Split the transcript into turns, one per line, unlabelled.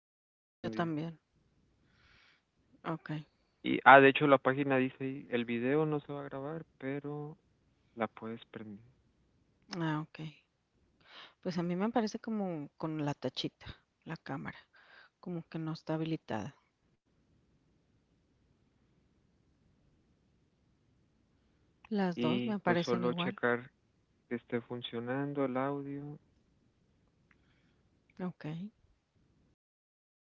pero pues, está
Yo
prendida.
también. Ok.
De hecho la página dice ahí, el video no se va a grabar, pero la puedes prender.
Ok. Pues a mí me parece como con la tachita, la cámara, como que no está habilitada. Las dos
Y
me
pues
parecen
solo
igual.
checar que esté funcionando el audio.
Ok.